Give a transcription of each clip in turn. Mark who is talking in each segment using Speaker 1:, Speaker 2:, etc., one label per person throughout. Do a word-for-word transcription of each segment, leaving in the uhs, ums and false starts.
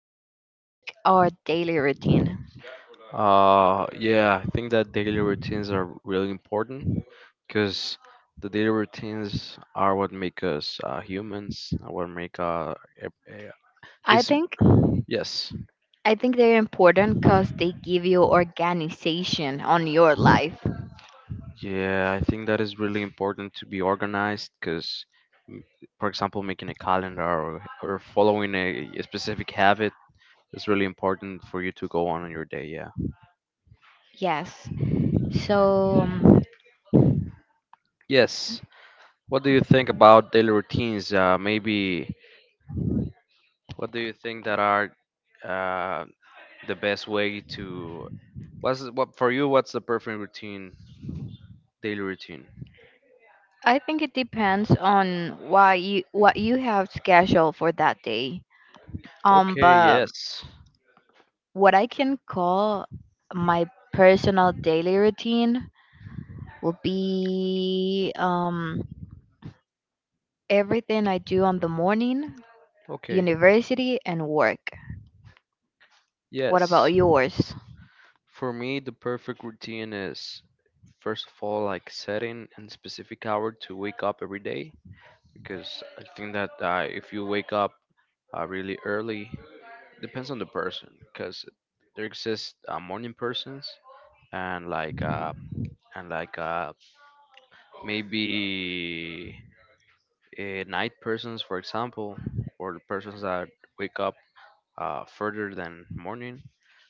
Speaker 1: a topic our daily routine.
Speaker 2: Uh, yeah, I think that daily routines are really important because the daily routines are what make us uh, humans, uh, what make uh, e, e,
Speaker 1: I
Speaker 2: is
Speaker 1: think
Speaker 2: yes,
Speaker 1: I think they're important because they give you organization on your life.
Speaker 2: yeah. I think that is really important to be organized because, for example, making a calendar or, or following a, a specific habit is really important for you to go on in your day. Yeah.
Speaker 1: Yes, so um,
Speaker 2: Yes. What do you think about daily routines? Uh, maybe what do you think that are uh, the best way to what's what for you? What's the perfect routine, daily routine?
Speaker 1: I think it depends on why you what you have scheduled for that day. Um,
Speaker 2: Okay,
Speaker 1: but
Speaker 2: yes.
Speaker 1: what I can call my personal daily routine would be um everything I do on the morning,
Speaker 2: Okay,
Speaker 1: university, and work. What about
Speaker 2: yes.
Speaker 1: yours?
Speaker 2: For me, the perfect routine is first of all like setting a specific hour to wake up every day because I think that uh, if you wake up uh, really early, depends on the person because there exists uh, morning persons and like uh and like uh maybe uh, night persons, for example, or the persons that wake up uh, further than morning.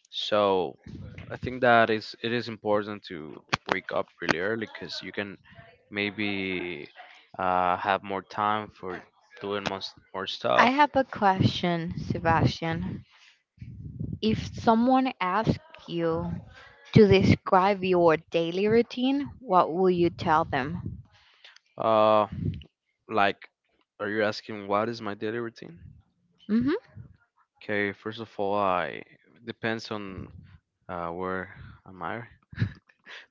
Speaker 2: So I think that is it is important to wake up really early because you can maybe uh, have more time for doing most, more stuff.
Speaker 1: I have a question, Sebastian. If someone asked you to describe your daily routine, what will you tell them?
Speaker 2: Uh like are you asking what is my daily routine?
Speaker 1: hmm
Speaker 2: Okay, first of all, I depends on uh, where am I?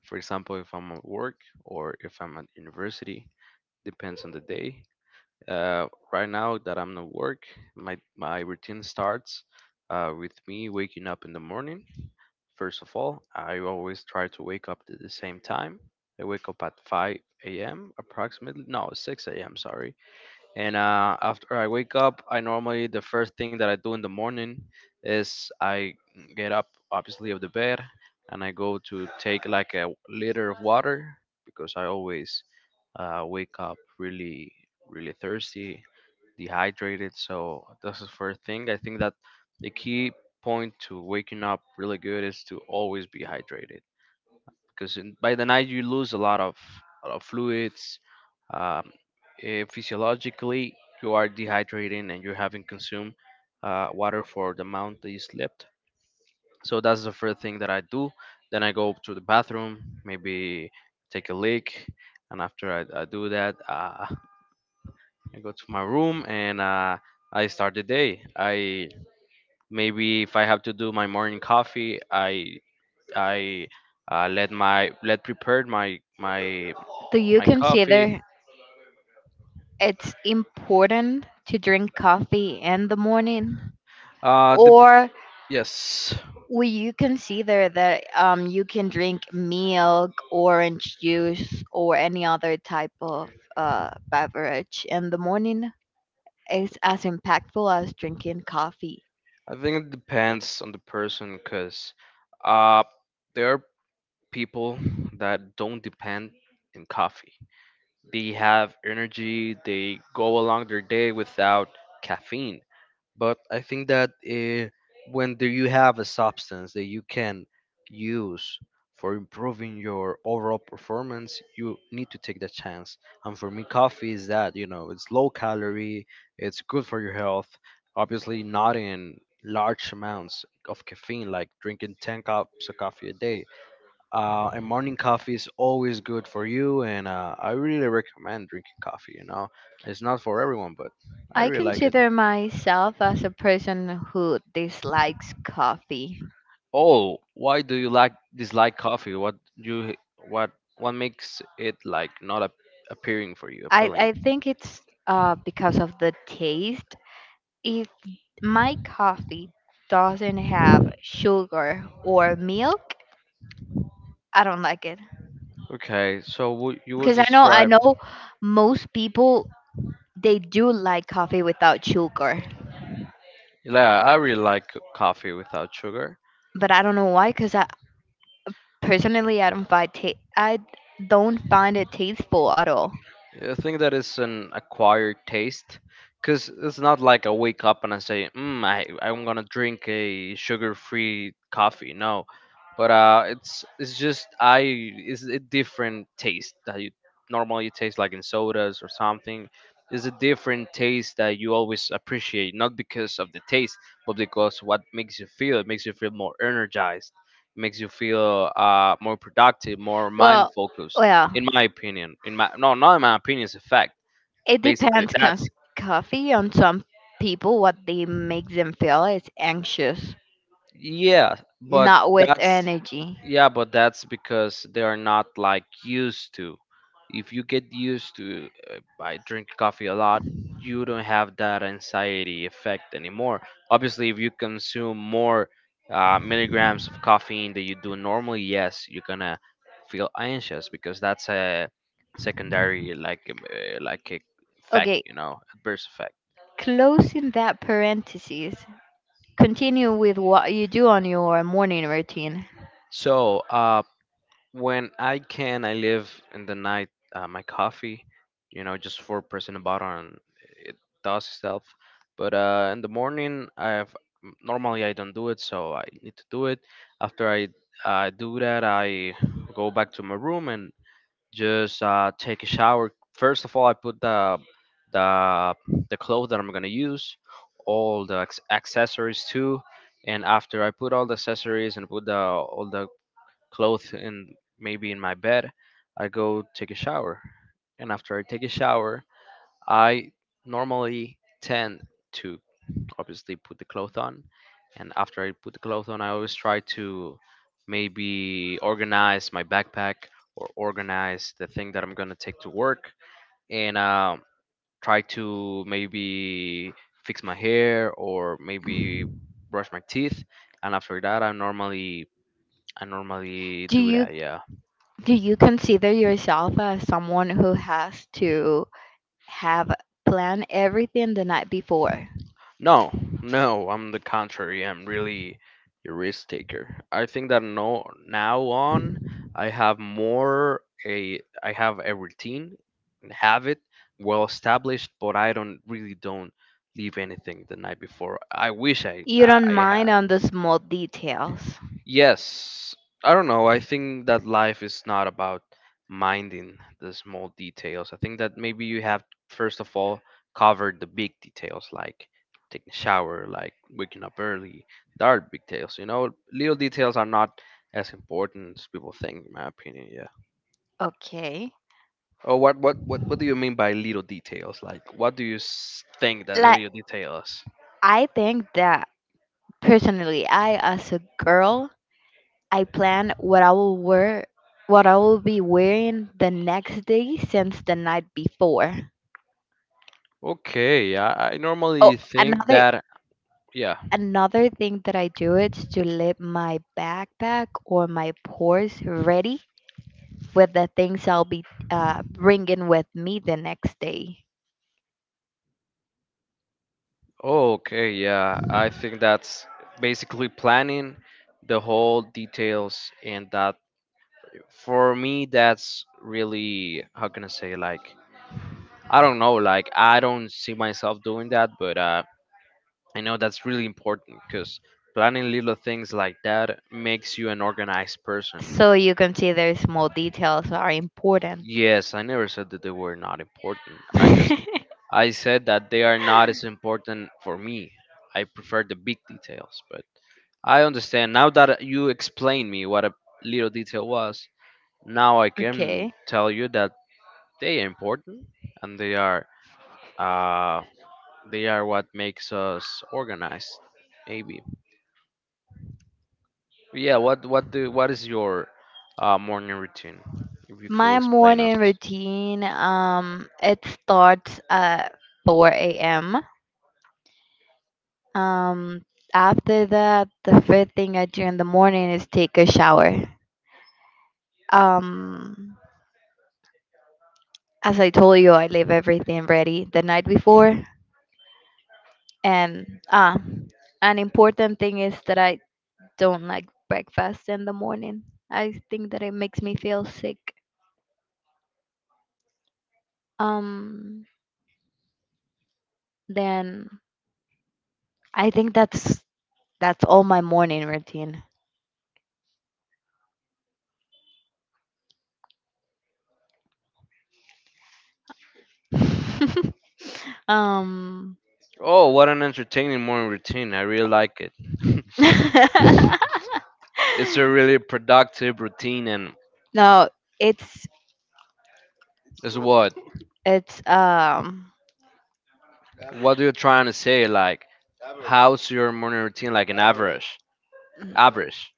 Speaker 2: For example, if I'm at work or if I'm at university, depends on the day. Uh, right now that I'm at work, my my routine starts uh, with me waking up in the morning. First of all, I always try to wake up at the same time. I wake up at five a m approximately. No, six a m. Sorry, and uh, after I wake up, I normally the first thing that I do in the morning is I get up obviously of the bed, and I go to take like a liter of water because I always uh, wake up really really thirsty, dehydrated. So that's the first thing. I think that the key point to waking up really good is to always be hydrated because in, by the night you lose a lot of, a lot of fluids. Um, eh, Physiologically, you are dehydrating and you haven't consumed uh, water for the amount that you slept. So that's the first thing that I do. Then I go to the bathroom, maybe take a leak, and after I, I do that, uh, I go to my room and uh, I start the day. I maybe if I have to do my morning coffee, I I uh, let my let prepared my my
Speaker 1: Do you
Speaker 2: my coffee.
Speaker 1: consider it's important to drink coffee in the morning?
Speaker 2: Uh, dep
Speaker 1: Or
Speaker 2: Yes,
Speaker 1: will you consider that um, you can drink milk, orange juice, or any other type of uh, beverage in the morning? It's as impactful as drinking coffee.
Speaker 2: I think it depends on the person, cause uh, there are people that don't depend in coffee. They have energy. They go along their day without caffeine. But I think that uh, when do you have a substance that you can use for improving your overall performance, you need to take the chance. And for me, coffee is that, you know, it's low calorie, it's good for your health. Obviously, not in large amounts of caffeine, like drinking ten cups of coffee a day. Uh, and morning coffee is always good for you, and uh, I really recommend drinking coffee. You know, It's not for everyone, but I
Speaker 1: I
Speaker 2: really like it.
Speaker 1: consider myself as a person who dislikes coffee.
Speaker 2: Oh, why do you like dislike coffee? What you what what makes it like not a appearing for you
Speaker 1: I,
Speaker 2: appealing?
Speaker 1: I think it's uh, because of the taste. If my coffee doesn't have sugar or milk, I don't like it.
Speaker 2: Okay, so would you will
Speaker 1: Because I know I
Speaker 2: describe?
Speaker 1: know most people they do like coffee without sugar,
Speaker 2: Yeah, I really like coffee without sugar.
Speaker 1: but I don't know why. Because I personally I don't find ta- I don't find it tasteful at all.
Speaker 2: I think that is an acquired taste because it's not like I wake up and I say, mm, I, I'm gonna drink a sugar-free coffee. No, but uh, it's it's just I it's a different taste that you normally taste like in sodas or something. It's a different taste that you always appreciate, not because of the taste, but because what makes you feel. It makes you feel more energized. It makes you feel uh, more productive, more mind
Speaker 1: Well,
Speaker 2: focused
Speaker 1: well,
Speaker 2: in my opinion. In my no Not in my opinion, it's a fact.
Speaker 1: it
Speaker 2: Basically
Speaker 1: depends. Cause
Speaker 2: that's
Speaker 1: coffee on some people, what they make them feel is anxious,
Speaker 2: yeah but
Speaker 1: not with
Speaker 2: that's
Speaker 1: energy.
Speaker 2: yeah but that's because they are not like used to. If you get used to uh, by drinking coffee a lot, you don't have that anxiety effect anymore. Obviously, if you consume more uh, milligrams of caffeine than you do normally, yes, you're gonna feel anxious because that's a secondary like um, uh, like a fact,
Speaker 1: Okay,
Speaker 2: you know, adverse effect.
Speaker 1: closing that parentheses. Continue with what you do on your morning routine.
Speaker 2: So uh when I can I live in the night uh, my coffee, you know, just for pressing a button, it does itself. But uh in the morning I have m- normally I don't do it, so I need to do it. After I uh, do that, I go back to my room and just uh, take a shower. First of all, I put the the the clothes that I'm gonna use, all the acc- accessories too, and after I put all the accessories and put the all the clothes in maybe in my bed, I go take a shower, and after I take a shower, I normally tend to obviously put the clothes on, and after I put the clothes on, I always try to maybe organize my backpack or organize the thing that I'm gonna take to work, and uh, try to maybe fix my hair or maybe brush my teeth. And after that, I normally I normally
Speaker 1: Do
Speaker 2: do
Speaker 1: you
Speaker 2: that. Yeah.
Speaker 1: do you consider yourself as someone who has to have planned everything the night before?
Speaker 2: No, no, I'm the contrary. I'm really a risk taker. I think that no, now on, I have more a I have a routine and have it well established, but I don't really don't leave anything the night before. I wish I
Speaker 1: You
Speaker 2: I
Speaker 1: don't
Speaker 2: I
Speaker 1: mind
Speaker 2: had.
Speaker 1: on the small details.
Speaker 2: Yes, I don't know. I think that life is not about minding the small details. I think that maybe you have first of all covered the big details like taking a shower, like waking up early. There are big details, you know. Little details are not as important as people think, in my opinion. Yeah.
Speaker 1: Okay.
Speaker 2: Oh, what, what, what, what do you mean by little details? Like, what do you s- think that the
Speaker 1: Like
Speaker 2: little details?
Speaker 1: I think that personally I as a girl, I plan what I will wear what I will be wearing the next day since the night before.
Speaker 2: Okay, I, I
Speaker 1: Oh,
Speaker 2: normally think
Speaker 1: another
Speaker 2: that. Yeah,
Speaker 1: another thing that I do is to leave my backpack or my purse ready with the things I'll be uh, bringing with me the next day.
Speaker 2: oh, okay, yeah, I think that's basically planning the whole details, and that for me, that's really how can I say, like, I don't know, like, I don't see myself doing that, but uh, I know that's really important because planning little things like that makes you an organized person.
Speaker 1: So you can see, consider small details are important.
Speaker 2: Yes, I never said that they were not important. I just I said that they are not as important for me. I prefer the big details, but I understand. Now that you explained me what a little detail was, now I can
Speaker 1: Okay.
Speaker 2: tell you that they are important and they are uh they are what makes us organized. Maybe. Yeah, what what do what is your uh morning routine? If you could
Speaker 1: My
Speaker 2: explain us.
Speaker 1: morning routine um it starts at four a m. Um After that the first thing I do in the morning is take a shower. Um as I told you I leave everything ready the night before, and ah an important thing is that I don't like breakfast in the morning. I think that it makes me feel sick. Um, then I think that's that's all my morning routine. um,
Speaker 2: Oh, what an entertaining morning routine. I really like it. It's a really productive routine and
Speaker 1: no, it's
Speaker 2: is what?
Speaker 1: it's um,
Speaker 2: What are you trying to say? Like, how's your morning routine? Like an average, average.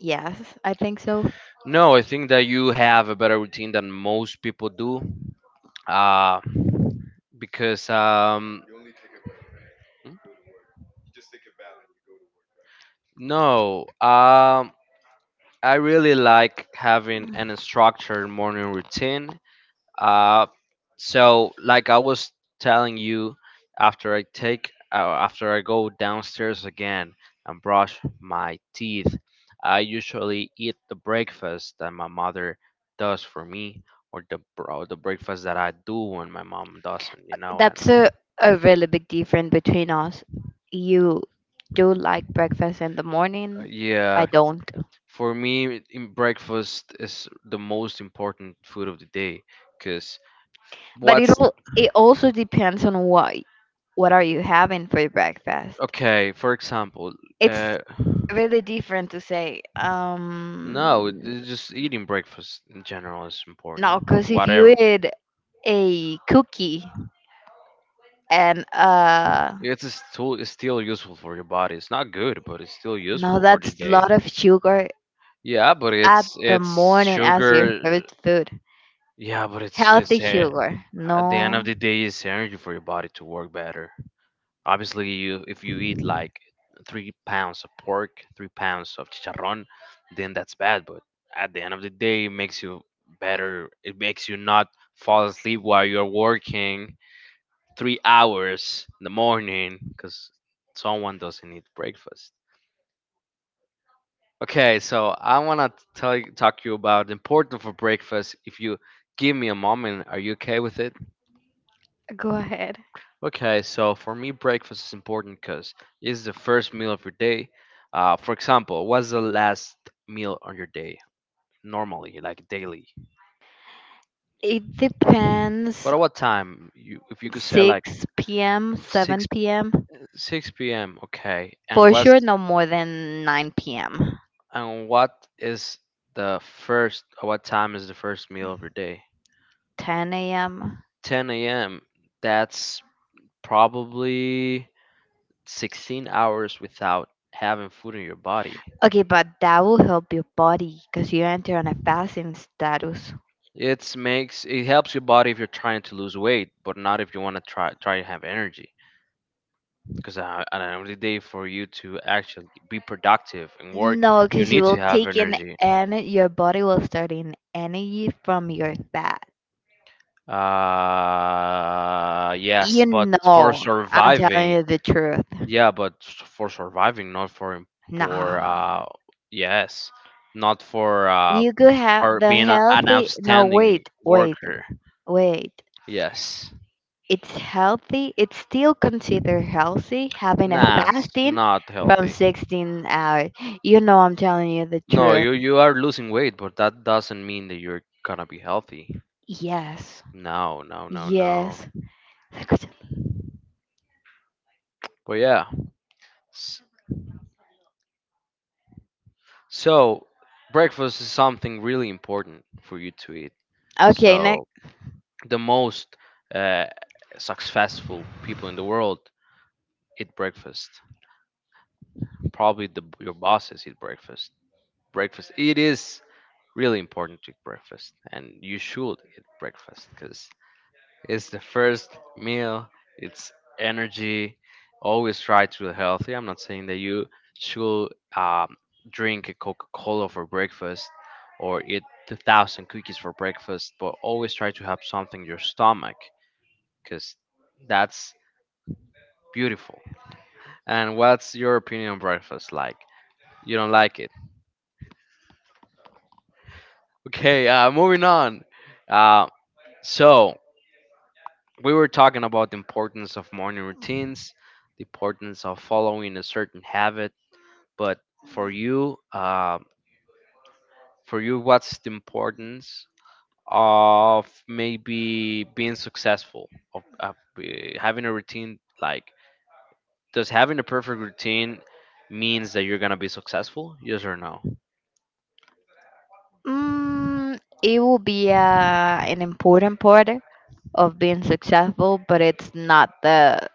Speaker 1: yes, I think so.
Speaker 2: No, I think that you have a better routine than most people do. Uh, because um, Hmm? No, um, I really like having an structured morning routine. Uh, so like I was telling you, after I take uh, after I go downstairs again and brush my teeth, I usually eat the breakfast that my mother does for me, or the bro the breakfast that I do when my mom doesn't, you know. And
Speaker 1: That's a, a really big difference between us. You do like breakfast in the
Speaker 2: uh,
Speaker 1: morning.
Speaker 2: yeah,
Speaker 1: I don't.
Speaker 2: for me, in breakfast is the most important food of the day, cause
Speaker 1: But it
Speaker 2: what's
Speaker 1: all it also depends on what what are you having for your breakfast.
Speaker 2: okay for example
Speaker 1: It's
Speaker 2: uh
Speaker 1: really different to say
Speaker 2: no, it-
Speaker 1: um
Speaker 2: it's just eating breakfast in general is important.
Speaker 1: no, because if you
Speaker 2: Whatever.
Speaker 1: eat a cookie and uh
Speaker 2: It's a still it's still useful for your body. It's not good, but it's still
Speaker 1: no,
Speaker 2: useful for the
Speaker 1: that's a
Speaker 2: day.
Speaker 1: lot of sugar
Speaker 2: Yeah, but
Speaker 1: at
Speaker 2: it's
Speaker 1: the
Speaker 2: it's
Speaker 1: morning as your
Speaker 2: sugar.
Speaker 1: favorite food.
Speaker 2: Yeah, but it's it's
Speaker 1: Healthy
Speaker 2: e-
Speaker 1: sugar,
Speaker 2: at the end of
Speaker 1: no.
Speaker 2: the day, it's energy for your body to work better. Obviously, you if you eat like three pounds of pork, three pounds of chicharrón, then that's bad. But at the end of the day, it makes you better. It makes you not fall asleep while you're working three hours in the morning because someone doesn't eat breakfast. Okay, so I want to tell you, talk you about the importance of breakfast. If you give me a moment, are you okay with it?
Speaker 1: Go ahead.
Speaker 2: Okay, so for me, breakfast is important because it's the first meal of your day. Uh, for example, what's the last meal on your day normally, like daily?
Speaker 1: It
Speaker 2: But
Speaker 1: depends.
Speaker 2: at what time? You, if you could say like
Speaker 1: six p m,
Speaker 2: six
Speaker 1: seven p m.
Speaker 2: six p m. Okay, and
Speaker 1: For
Speaker 2: what's
Speaker 1: sure, no more than nine p m,
Speaker 2: and what is the first, or what time is the first meal of your day?
Speaker 1: ten a m.
Speaker 2: ten a m. That's probably sixteen hours without having food in your body.
Speaker 1: Okay, but that will help your body because you enter on a fasting status.
Speaker 2: It makes it helps your body if you're trying to lose weight, but not if you want to try try to have energy. Because uh, at the end of the day, for you to actually be productive and work,
Speaker 1: No,
Speaker 2: you
Speaker 1: because you
Speaker 2: need
Speaker 1: will
Speaker 2: to have
Speaker 1: take in
Speaker 2: energy.
Speaker 1: and your body will start in energy from your fat.
Speaker 2: Uh,
Speaker 1: You
Speaker 2: yes, but for
Speaker 1: know, I'm telling
Speaker 2: surviving.
Speaker 1: you the truth.
Speaker 2: Yeah, but s- for surviving, not for im- for
Speaker 1: Nah.
Speaker 2: uh yes, not for uh
Speaker 1: You could have
Speaker 2: for
Speaker 1: the
Speaker 2: being a, an
Speaker 1: healthy. No,
Speaker 2: outstanding
Speaker 1: wait, wait,
Speaker 2: worker.
Speaker 1: wait.
Speaker 2: Yes.
Speaker 1: It's healthy. It's still considered healthy having a
Speaker 2: Nah, it's
Speaker 1: fasting
Speaker 2: not
Speaker 1: from
Speaker 2: healthy.
Speaker 1: sixteen hours. You know I'm telling you the
Speaker 2: No,
Speaker 1: truth.
Speaker 2: you you are losing weight, but that doesn't mean that you're gonna be healthy.
Speaker 1: Yes.
Speaker 2: No, no, no, no.
Speaker 1: Yes.
Speaker 2: But yeah. S- So, breakfast is something really important for you to eat.
Speaker 1: Okay, next.
Speaker 2: So, the most uh, successful people in the world eat breakfast. Probably the, your bosses eat breakfast. Breakfast. It is really important to eat breakfast, and you should eat breakfast because it's the first meal. It's energy. Always try to be healthy. I'm not saying that you should um, drink a Coca-Cola for breakfast or eat a thousand cookies for breakfast, but always try to have something in your stomach because that's beautiful. And what's your opinion on breakfast like? You don't like it. Okay, uh, moving on. Uh, so, we were talking about the importance of morning routines, the importance of following a certain habit. But for you, uh, for you, what's the importance of maybe being successful, of, of uh, having a routine? Like, does having a perfect routine means that you're gonna be successful? Yes or no?
Speaker 1: Mm, it will be uh, an important part of being successful, but it's not the.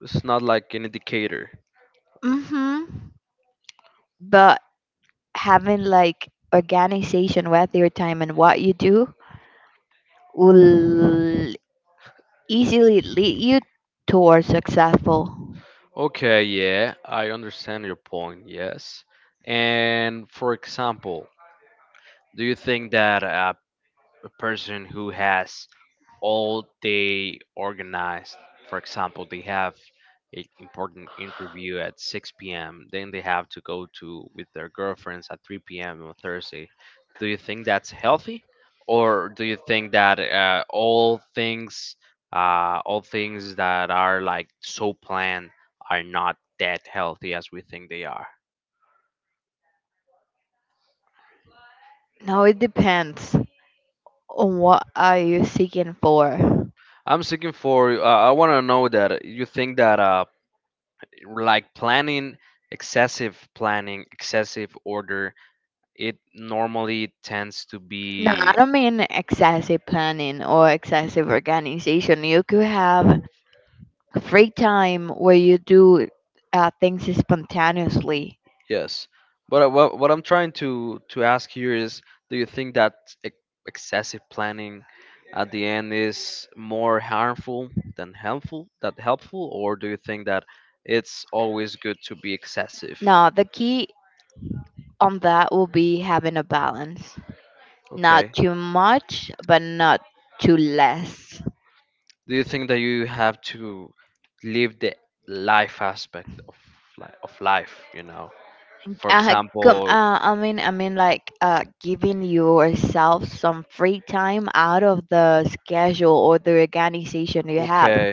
Speaker 2: It's not like an indicator.
Speaker 1: hmm But having like organization with your time and what you do will easily lead you towards successful?
Speaker 2: Okay, yeah, I understand your point, yes. And for example, do you think that a, a person who has all day organized? For example, they have an important interview at six p m. Then they have to go to with their girlfriends at three p m on Thursday. Do you think that's healthy, or do you think that uh, all things, uh, all things that are like so planned are not that healthy as we think they are?
Speaker 1: Now it depends on what are you seeking for.
Speaker 2: I'm seeking for. Uh, I want to know that you think that uh, like planning, excessive planning, excessive order, it normally tends to
Speaker 1: No, I
Speaker 2: be
Speaker 1: don't mean excessive planning or excessive organization. You could have free time where you do uh, things spontaneously.
Speaker 2: yes. But uh, what, what I'm trying to to ask here is, do you think that ex- excessive planning at the end is more harmful than helpful, that helpful, or do you think that it's always good to be excessive?
Speaker 1: Now, the key on that will be having a balance. Not
Speaker 2: Okay,
Speaker 1: too much, but not too less.
Speaker 2: do you think that you have to live the life aspect of li- of life, you know? For
Speaker 1: Uh, come
Speaker 2: example,
Speaker 1: uh, I mean I mean like uh giving yourself some free time out of the schedule or the organization you have.
Speaker 2: okay,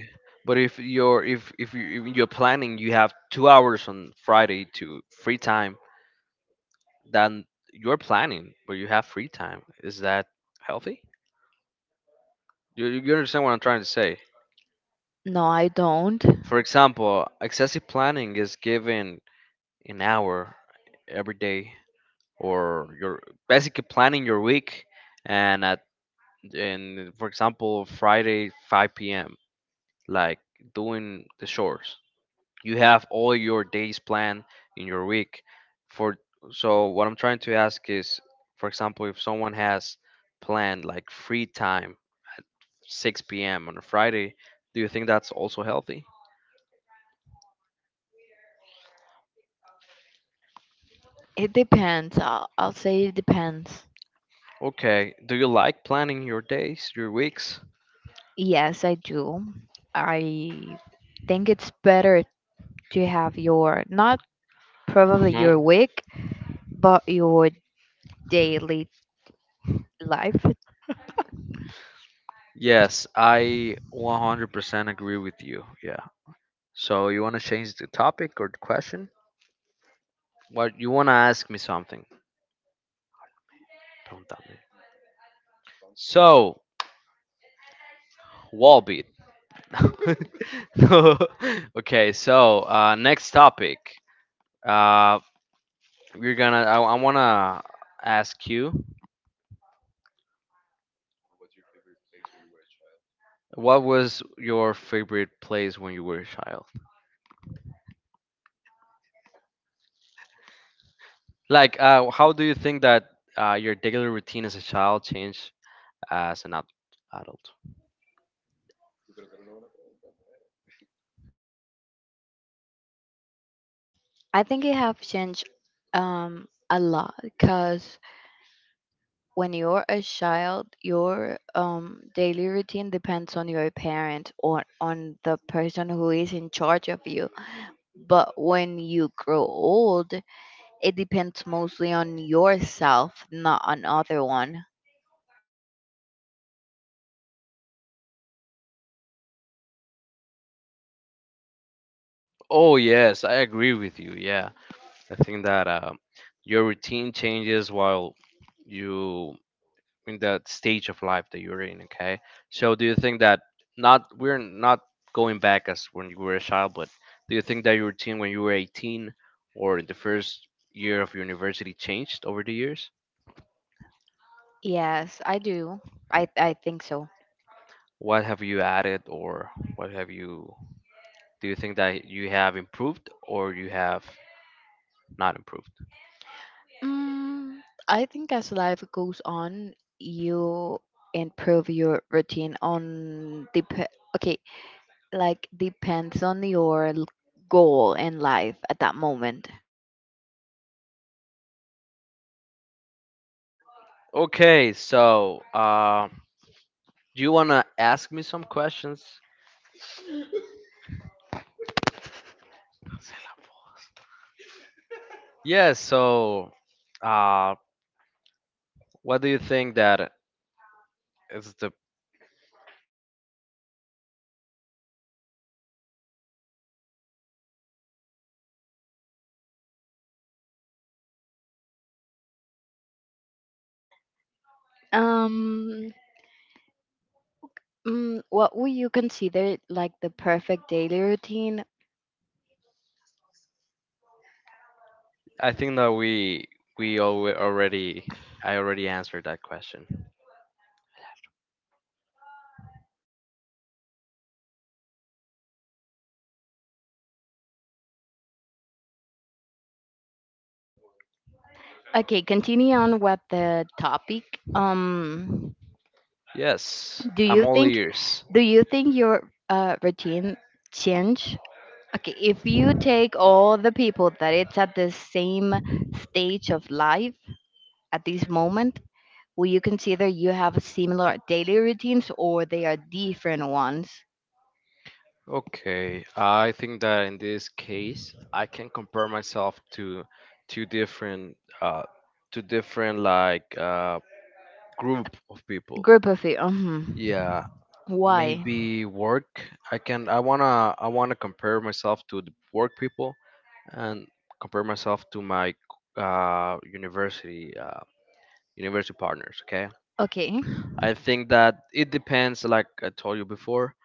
Speaker 2: but if you're, if if, you, if you're planning, you have two hours on Friday to free time, then you're planning but you have free time. Is that healthy? You, you understand what I'm trying to say?
Speaker 1: No, I don't.
Speaker 2: For example, excessive planning is given an hour every day, or you're basically planning your week, and at, and for example, Friday five p.m. like doing the chores, you have all your days planned in your week for. So what I'm trying to ask is, for example, if someone has planned like free time six p.m. on a Friday, do you think that's also healthy?
Speaker 1: It depends. i'll, I'll say it depends.
Speaker 2: Okay, do you like planning your days, your weeks?
Speaker 1: Yes, I do. I think it's better to have your not probably
Speaker 2: uh
Speaker 1: your week but your daily life.
Speaker 2: yes, I one hundred percent agree with you. Yeah, so you want to change the topic or the question? What, you want to ask me something? Pregúntame. So, wall. No. Okay, so uh, next topic. Uh, we're gonna. I, I wanna ask you, what was your favorite place when you were a child? Like, uh, how do you think that uh, your daily routine as a child changed as an ad- adult?
Speaker 1: I think it have changed um a lot because when you're a child, your um, daily routine depends on your parent or on the person who is in charge of you. But when you grow old, it depends mostly on yourself, not on other one.
Speaker 2: Oh yes, I agree with you. Yeah, I think that uh, your routine changes while you in the stage of life that you're in. Okay, so do you think that, not, we're not going back as when you were a child, but do you think that your routine when you were eighteen or in the first year of university changed over the years?
Speaker 1: Yes, I do. I I think so.
Speaker 2: What have you added, or what have you, do you think that you have improved or you have not improved?
Speaker 1: Mm, I think as life goes on, you improve your routine on dep- okay, like depends on your l- goal in life at that moment.
Speaker 2: Okay, so uh, do you want to ask me some questions? Yeah, so uh, what do you think that is the,
Speaker 1: Um, mm, what would you consider like the perfect daily routine?
Speaker 2: I think that we we alwa already, I already answered that question.
Speaker 1: Okay, continue on with the topic. Um,
Speaker 2: Yes,
Speaker 1: do
Speaker 2: I'm
Speaker 1: you
Speaker 2: all
Speaker 1: think
Speaker 2: ears.
Speaker 1: do you think your uh, routine change? Okay, if you take all the people that it's at the same stage of life at this moment, will you consider you have similar daily routines or they are different ones?
Speaker 2: Okay, I think that in this case, I can compare myself to two different, uh, two different like uh, group of people.
Speaker 1: Group of you. Mhm.
Speaker 2: Yeah,
Speaker 1: Why?
Speaker 2: maybe work. I can. I wanna. I wanna compare myself to the work people and compare myself to my uh, university uh, university partners. Okay,
Speaker 1: Okay.
Speaker 2: I think that it depends, like I told you before,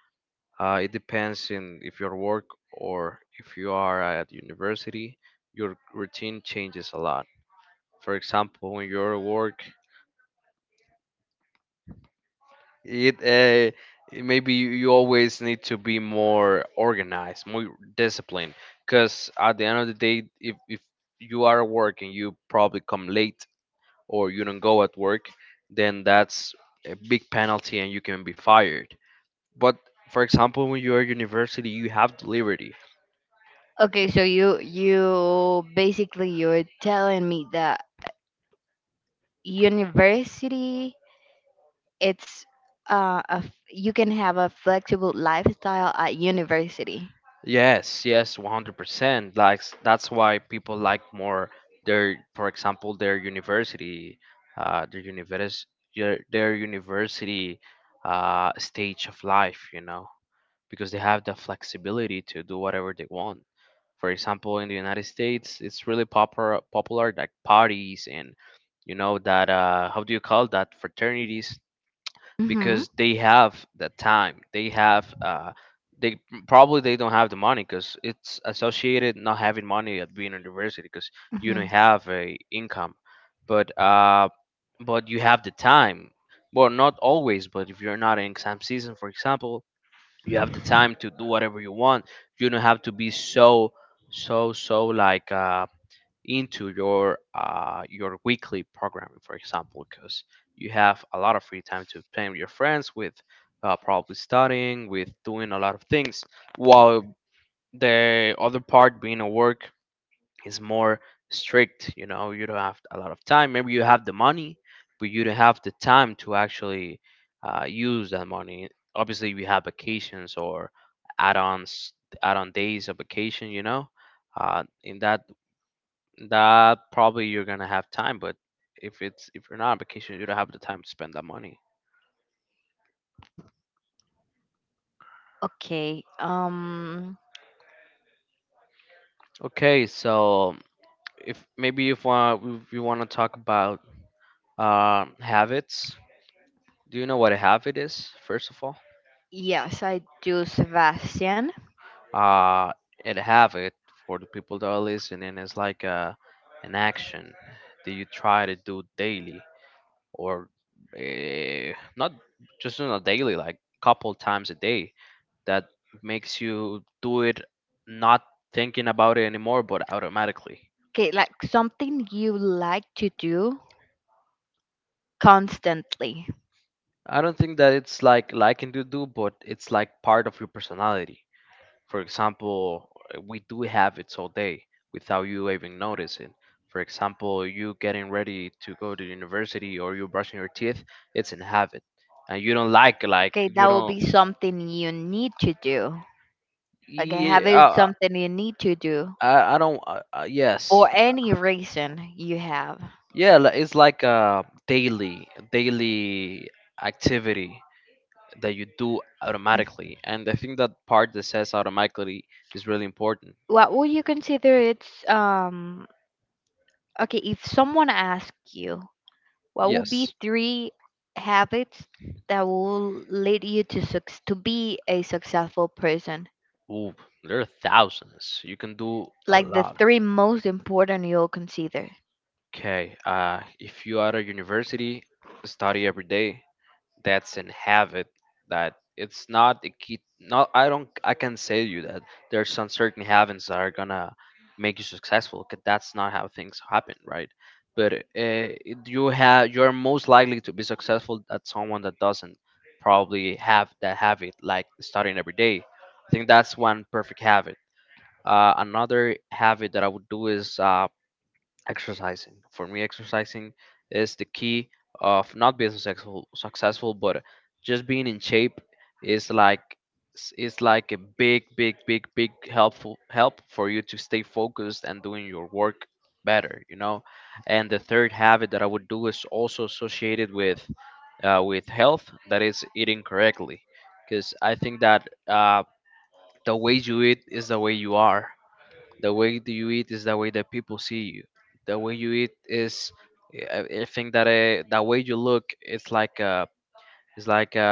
Speaker 2: uh, it depends in if your work or if you are at university, your routine changes a lot. For example, when you're at work, it, uh, maybe you you always need to be more organized, more disciplined, because at the end of the day, if, if you are at work and you probably come late or you don't go at work, then that's a big penalty and you can be fired. But for example, when you are university, you have the liberty.
Speaker 1: Okay, so you you basically you're telling me that university it's uh a, f- you can have a flexible lifestyle at university.
Speaker 2: Yes, yes, one hundred percent. Like s- that's why people like more their, for example, their university, uh, their univers their, their university uh, stage of life, you know, because they have the flexibility to do whatever they want. For example, in the United States, it's really popular, popular like parties and, you know, that uh, how do you call that? Fraternities,
Speaker 1: Mhm.
Speaker 2: because they have the time, they have uh they probably they don't have the money because it's associated not having money at being in university because you don't
Speaker 1: Mhm.
Speaker 2: have a income, but uh but you have the time, well not always, but if you're not in exam season for example, you have the time to do whatever you want. You don't have to be so, so so like uh into your uh, your weekly programming, for example, because you have a lot of free time to play with your friends, with uh, probably studying, with doing a lot of things, while the other part being a work is more strict. You know, you don't have a lot of time. Maybe you have the money, but you don't have the time to actually uh, use that money. Obviously, we have vacations or add-ons, add-on days of vacation. You know, uh, in that, that probably you're gonna have time, but if it's, if you're not on vacation, you don't have the time to spend that money.
Speaker 1: Okay. Um
Speaker 2: Okay, so if maybe if want if you want to talk about um habits, do you know what a habit is? First of all,
Speaker 1: yes, I do, Sebastian.
Speaker 2: uh, a habit for the people that are listening is like a, an action that you try to do daily or eh, not just on a daily, like couple times a day. That makes you do it not thinking about it anymore, but automatically.
Speaker 1: Okay, like something you like to do constantly.
Speaker 2: I don't think that it's like liking to do, but it's like part of your personality. For example, uh, we do have it all day without you even noticing. For example, you getting ready to go to university or you brushing your teeth, it's in habit, and you don't like like
Speaker 1: Okay, that
Speaker 2: you
Speaker 1: will be
Speaker 2: don't.
Speaker 1: something you need to do. Like have
Speaker 2: Yeah,
Speaker 1: it
Speaker 2: uh,
Speaker 1: something you need to do
Speaker 2: I I don't. Uh, uh,
Speaker 1: or
Speaker 2: yes,
Speaker 1: any reason you have.
Speaker 2: yeah. li- It's like a daily daily activity that you do automatically, and I think that part that says automatically is really important.
Speaker 1: What would you consider it's um okay, if someone asked you, what would be
Speaker 2: Yes.
Speaker 1: three habits that will lead you to suc- to be a successful person?
Speaker 2: Ooh, there are thousands. You can do a
Speaker 1: Like the
Speaker 2: lot.
Speaker 1: three most important you'll consider.
Speaker 2: Okay. Uh, if you are at a university, study every day. That's in habit, that it's not a key, not I don't I can say to you that there's some certain habits that are gonna make you successful, 'cause that's not how things happen, right? But uh, it- you have you're most likely to be successful at someone that doesn't probably have that habit, like starting every day. I think that's one perfect habit. Uh, another habit that I would do is uh, exercising. For me, exercising is the key of not being successful successful, but just being in shape, is like, is like a big big big big helpful help for you to stay focused and doing your work better, you know. And the third habit that I would do is also associated with uh, with health, that is eating correctly, because I think that uh, the way you eat is the way you are. The way that you eat is the way that people see you. The way you eat is, I I think that uh, the way you look it's like a, it's like a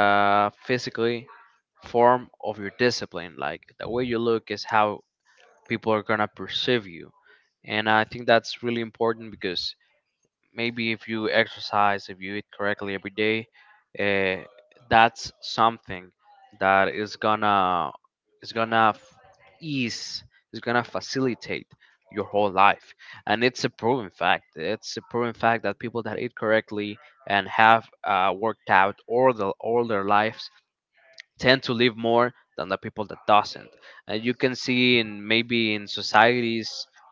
Speaker 2: physically form of your discipline. Like the way you look is how people are gonna perceive you, and I think that's really important because maybe if you exercise, if you eat correctly every day, uh, that's something that is gonna, is gonna f- ease, is gonna facilitate your whole life, and it's a proven fact. It's a proven fact that people that eat correctly and have uh, worked out all the all their lives tend to live more than the people that doesn't. And you can see in maybe in societies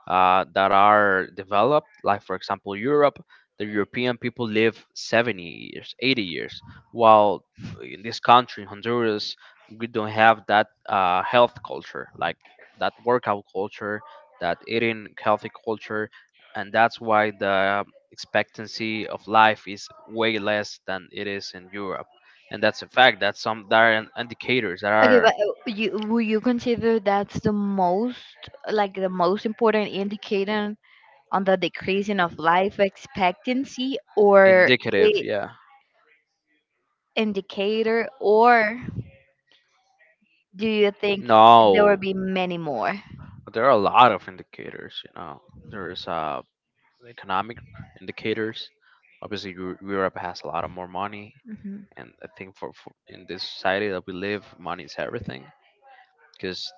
Speaker 2: uh, that are developed, like for example Europe. The European people live seventy years, eighty years, while in this country, Honduras, we don't have that uh, health culture, like that workout culture, that eating healthy culture, and that's why the expectancy of life is way less than it is in Europe. And that's a fact. That's some that are in- indicators that
Speaker 1: Okay,
Speaker 2: are
Speaker 1: but uh, you will you consider that's the most like the most important indicator on the decreasing of life expectancy, or
Speaker 2: indicative.
Speaker 1: I
Speaker 2: Yeah.
Speaker 1: indicator, or do you think there will
Speaker 2: No,
Speaker 1: be many more?
Speaker 2: but there are a lot of indicators. You know, there's uh economic indicators. Obviously, Eu- Europe has a lot of more money,
Speaker 1: Mhm.
Speaker 2: and I think for, for in this society that we live, money is everything. Because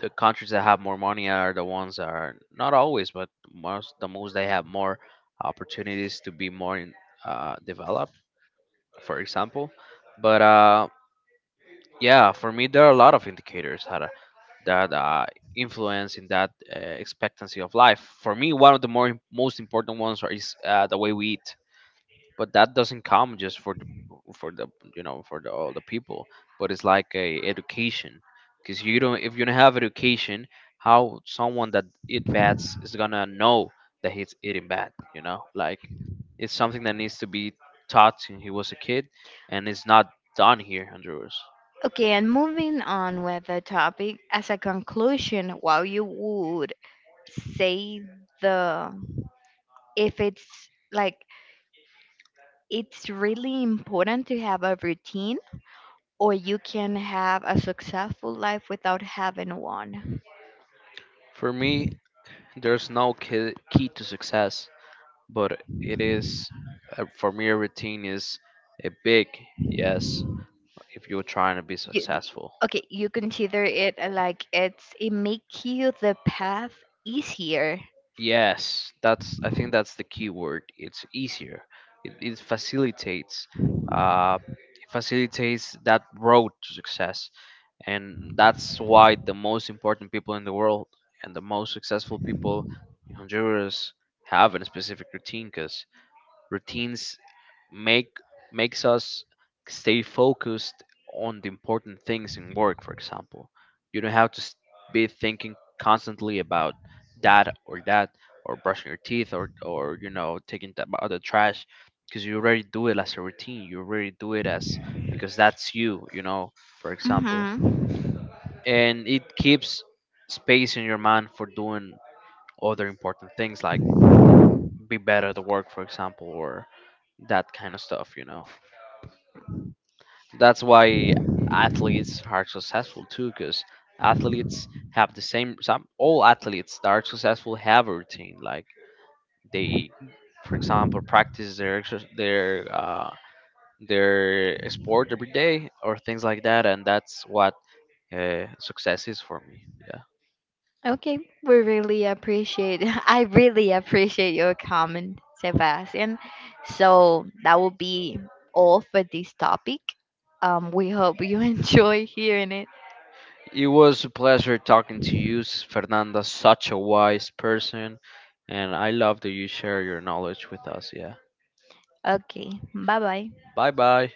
Speaker 2: the countries that have more money are the ones that are not always, but most the most they have more opportunities to be more in, uh, developed, for example. But uh, yeah, for me, there are a lot of indicators that are, that uh, influence in that uh, expectancy of life. For me, one of the more most important ones are, is uh, the way we eat. But that doesn't come just for the, for the, you know, for the, all the people, but it's like a education, because you don't, if you don't have education, how someone that eat bats is gonna know that he's eating bat, you know? Like, it's something that needs to be taught since he was a kid, and it's not done here in Honduras.
Speaker 1: Okay, and moving on with the topic, as a conclusion, while you would say the if it's like it's really important to have a routine or you can have a successful life without having one.
Speaker 2: For me, there's no key, key to success, but it is, uh, for me a routine is a big yes if you're trying to be
Speaker 1: You, d-
Speaker 2: successful.
Speaker 1: okay, you consider it uh, like it's it make you the path easier.
Speaker 2: Yes, that's, I think that's the key word. It's easier. It, it facilitates uh it facilitates that road to success. And that's why the most important people in the world and the most successful people in Honduras have a specific routine, because routines make makes us stay focused on the important things in work, for example. You don't have to s- be thinking constantly about that or that, or brushing your teeth, or or you know, taking th- out the trash, because you already do it as a routine, you already do it as, because that's you, you know, for example.
Speaker 1: Mm-hmm.
Speaker 2: And it keeps space in your mind for doing other important things, like be better at work, for example, or that kind of stuff, you know. That's why athletes are successful too, because athletes have the same. Some, all athletes that are successful have a routine. Like they, for example, practice their exer- their uh, their sport every day or things like that, and that's what uh, success is for me. Yeah.
Speaker 1: Okay, we really appreciate. I really appreciate your comment, Sebastian. So that will be all for this topic. Um, we hope you enjoy hearing it.
Speaker 2: It was a pleasure talking to you, S- Fernanda. Such a wise person, and I love that you share your knowledge with us. Yeah.
Speaker 1: Okay, bye bye.
Speaker 2: Bye bye.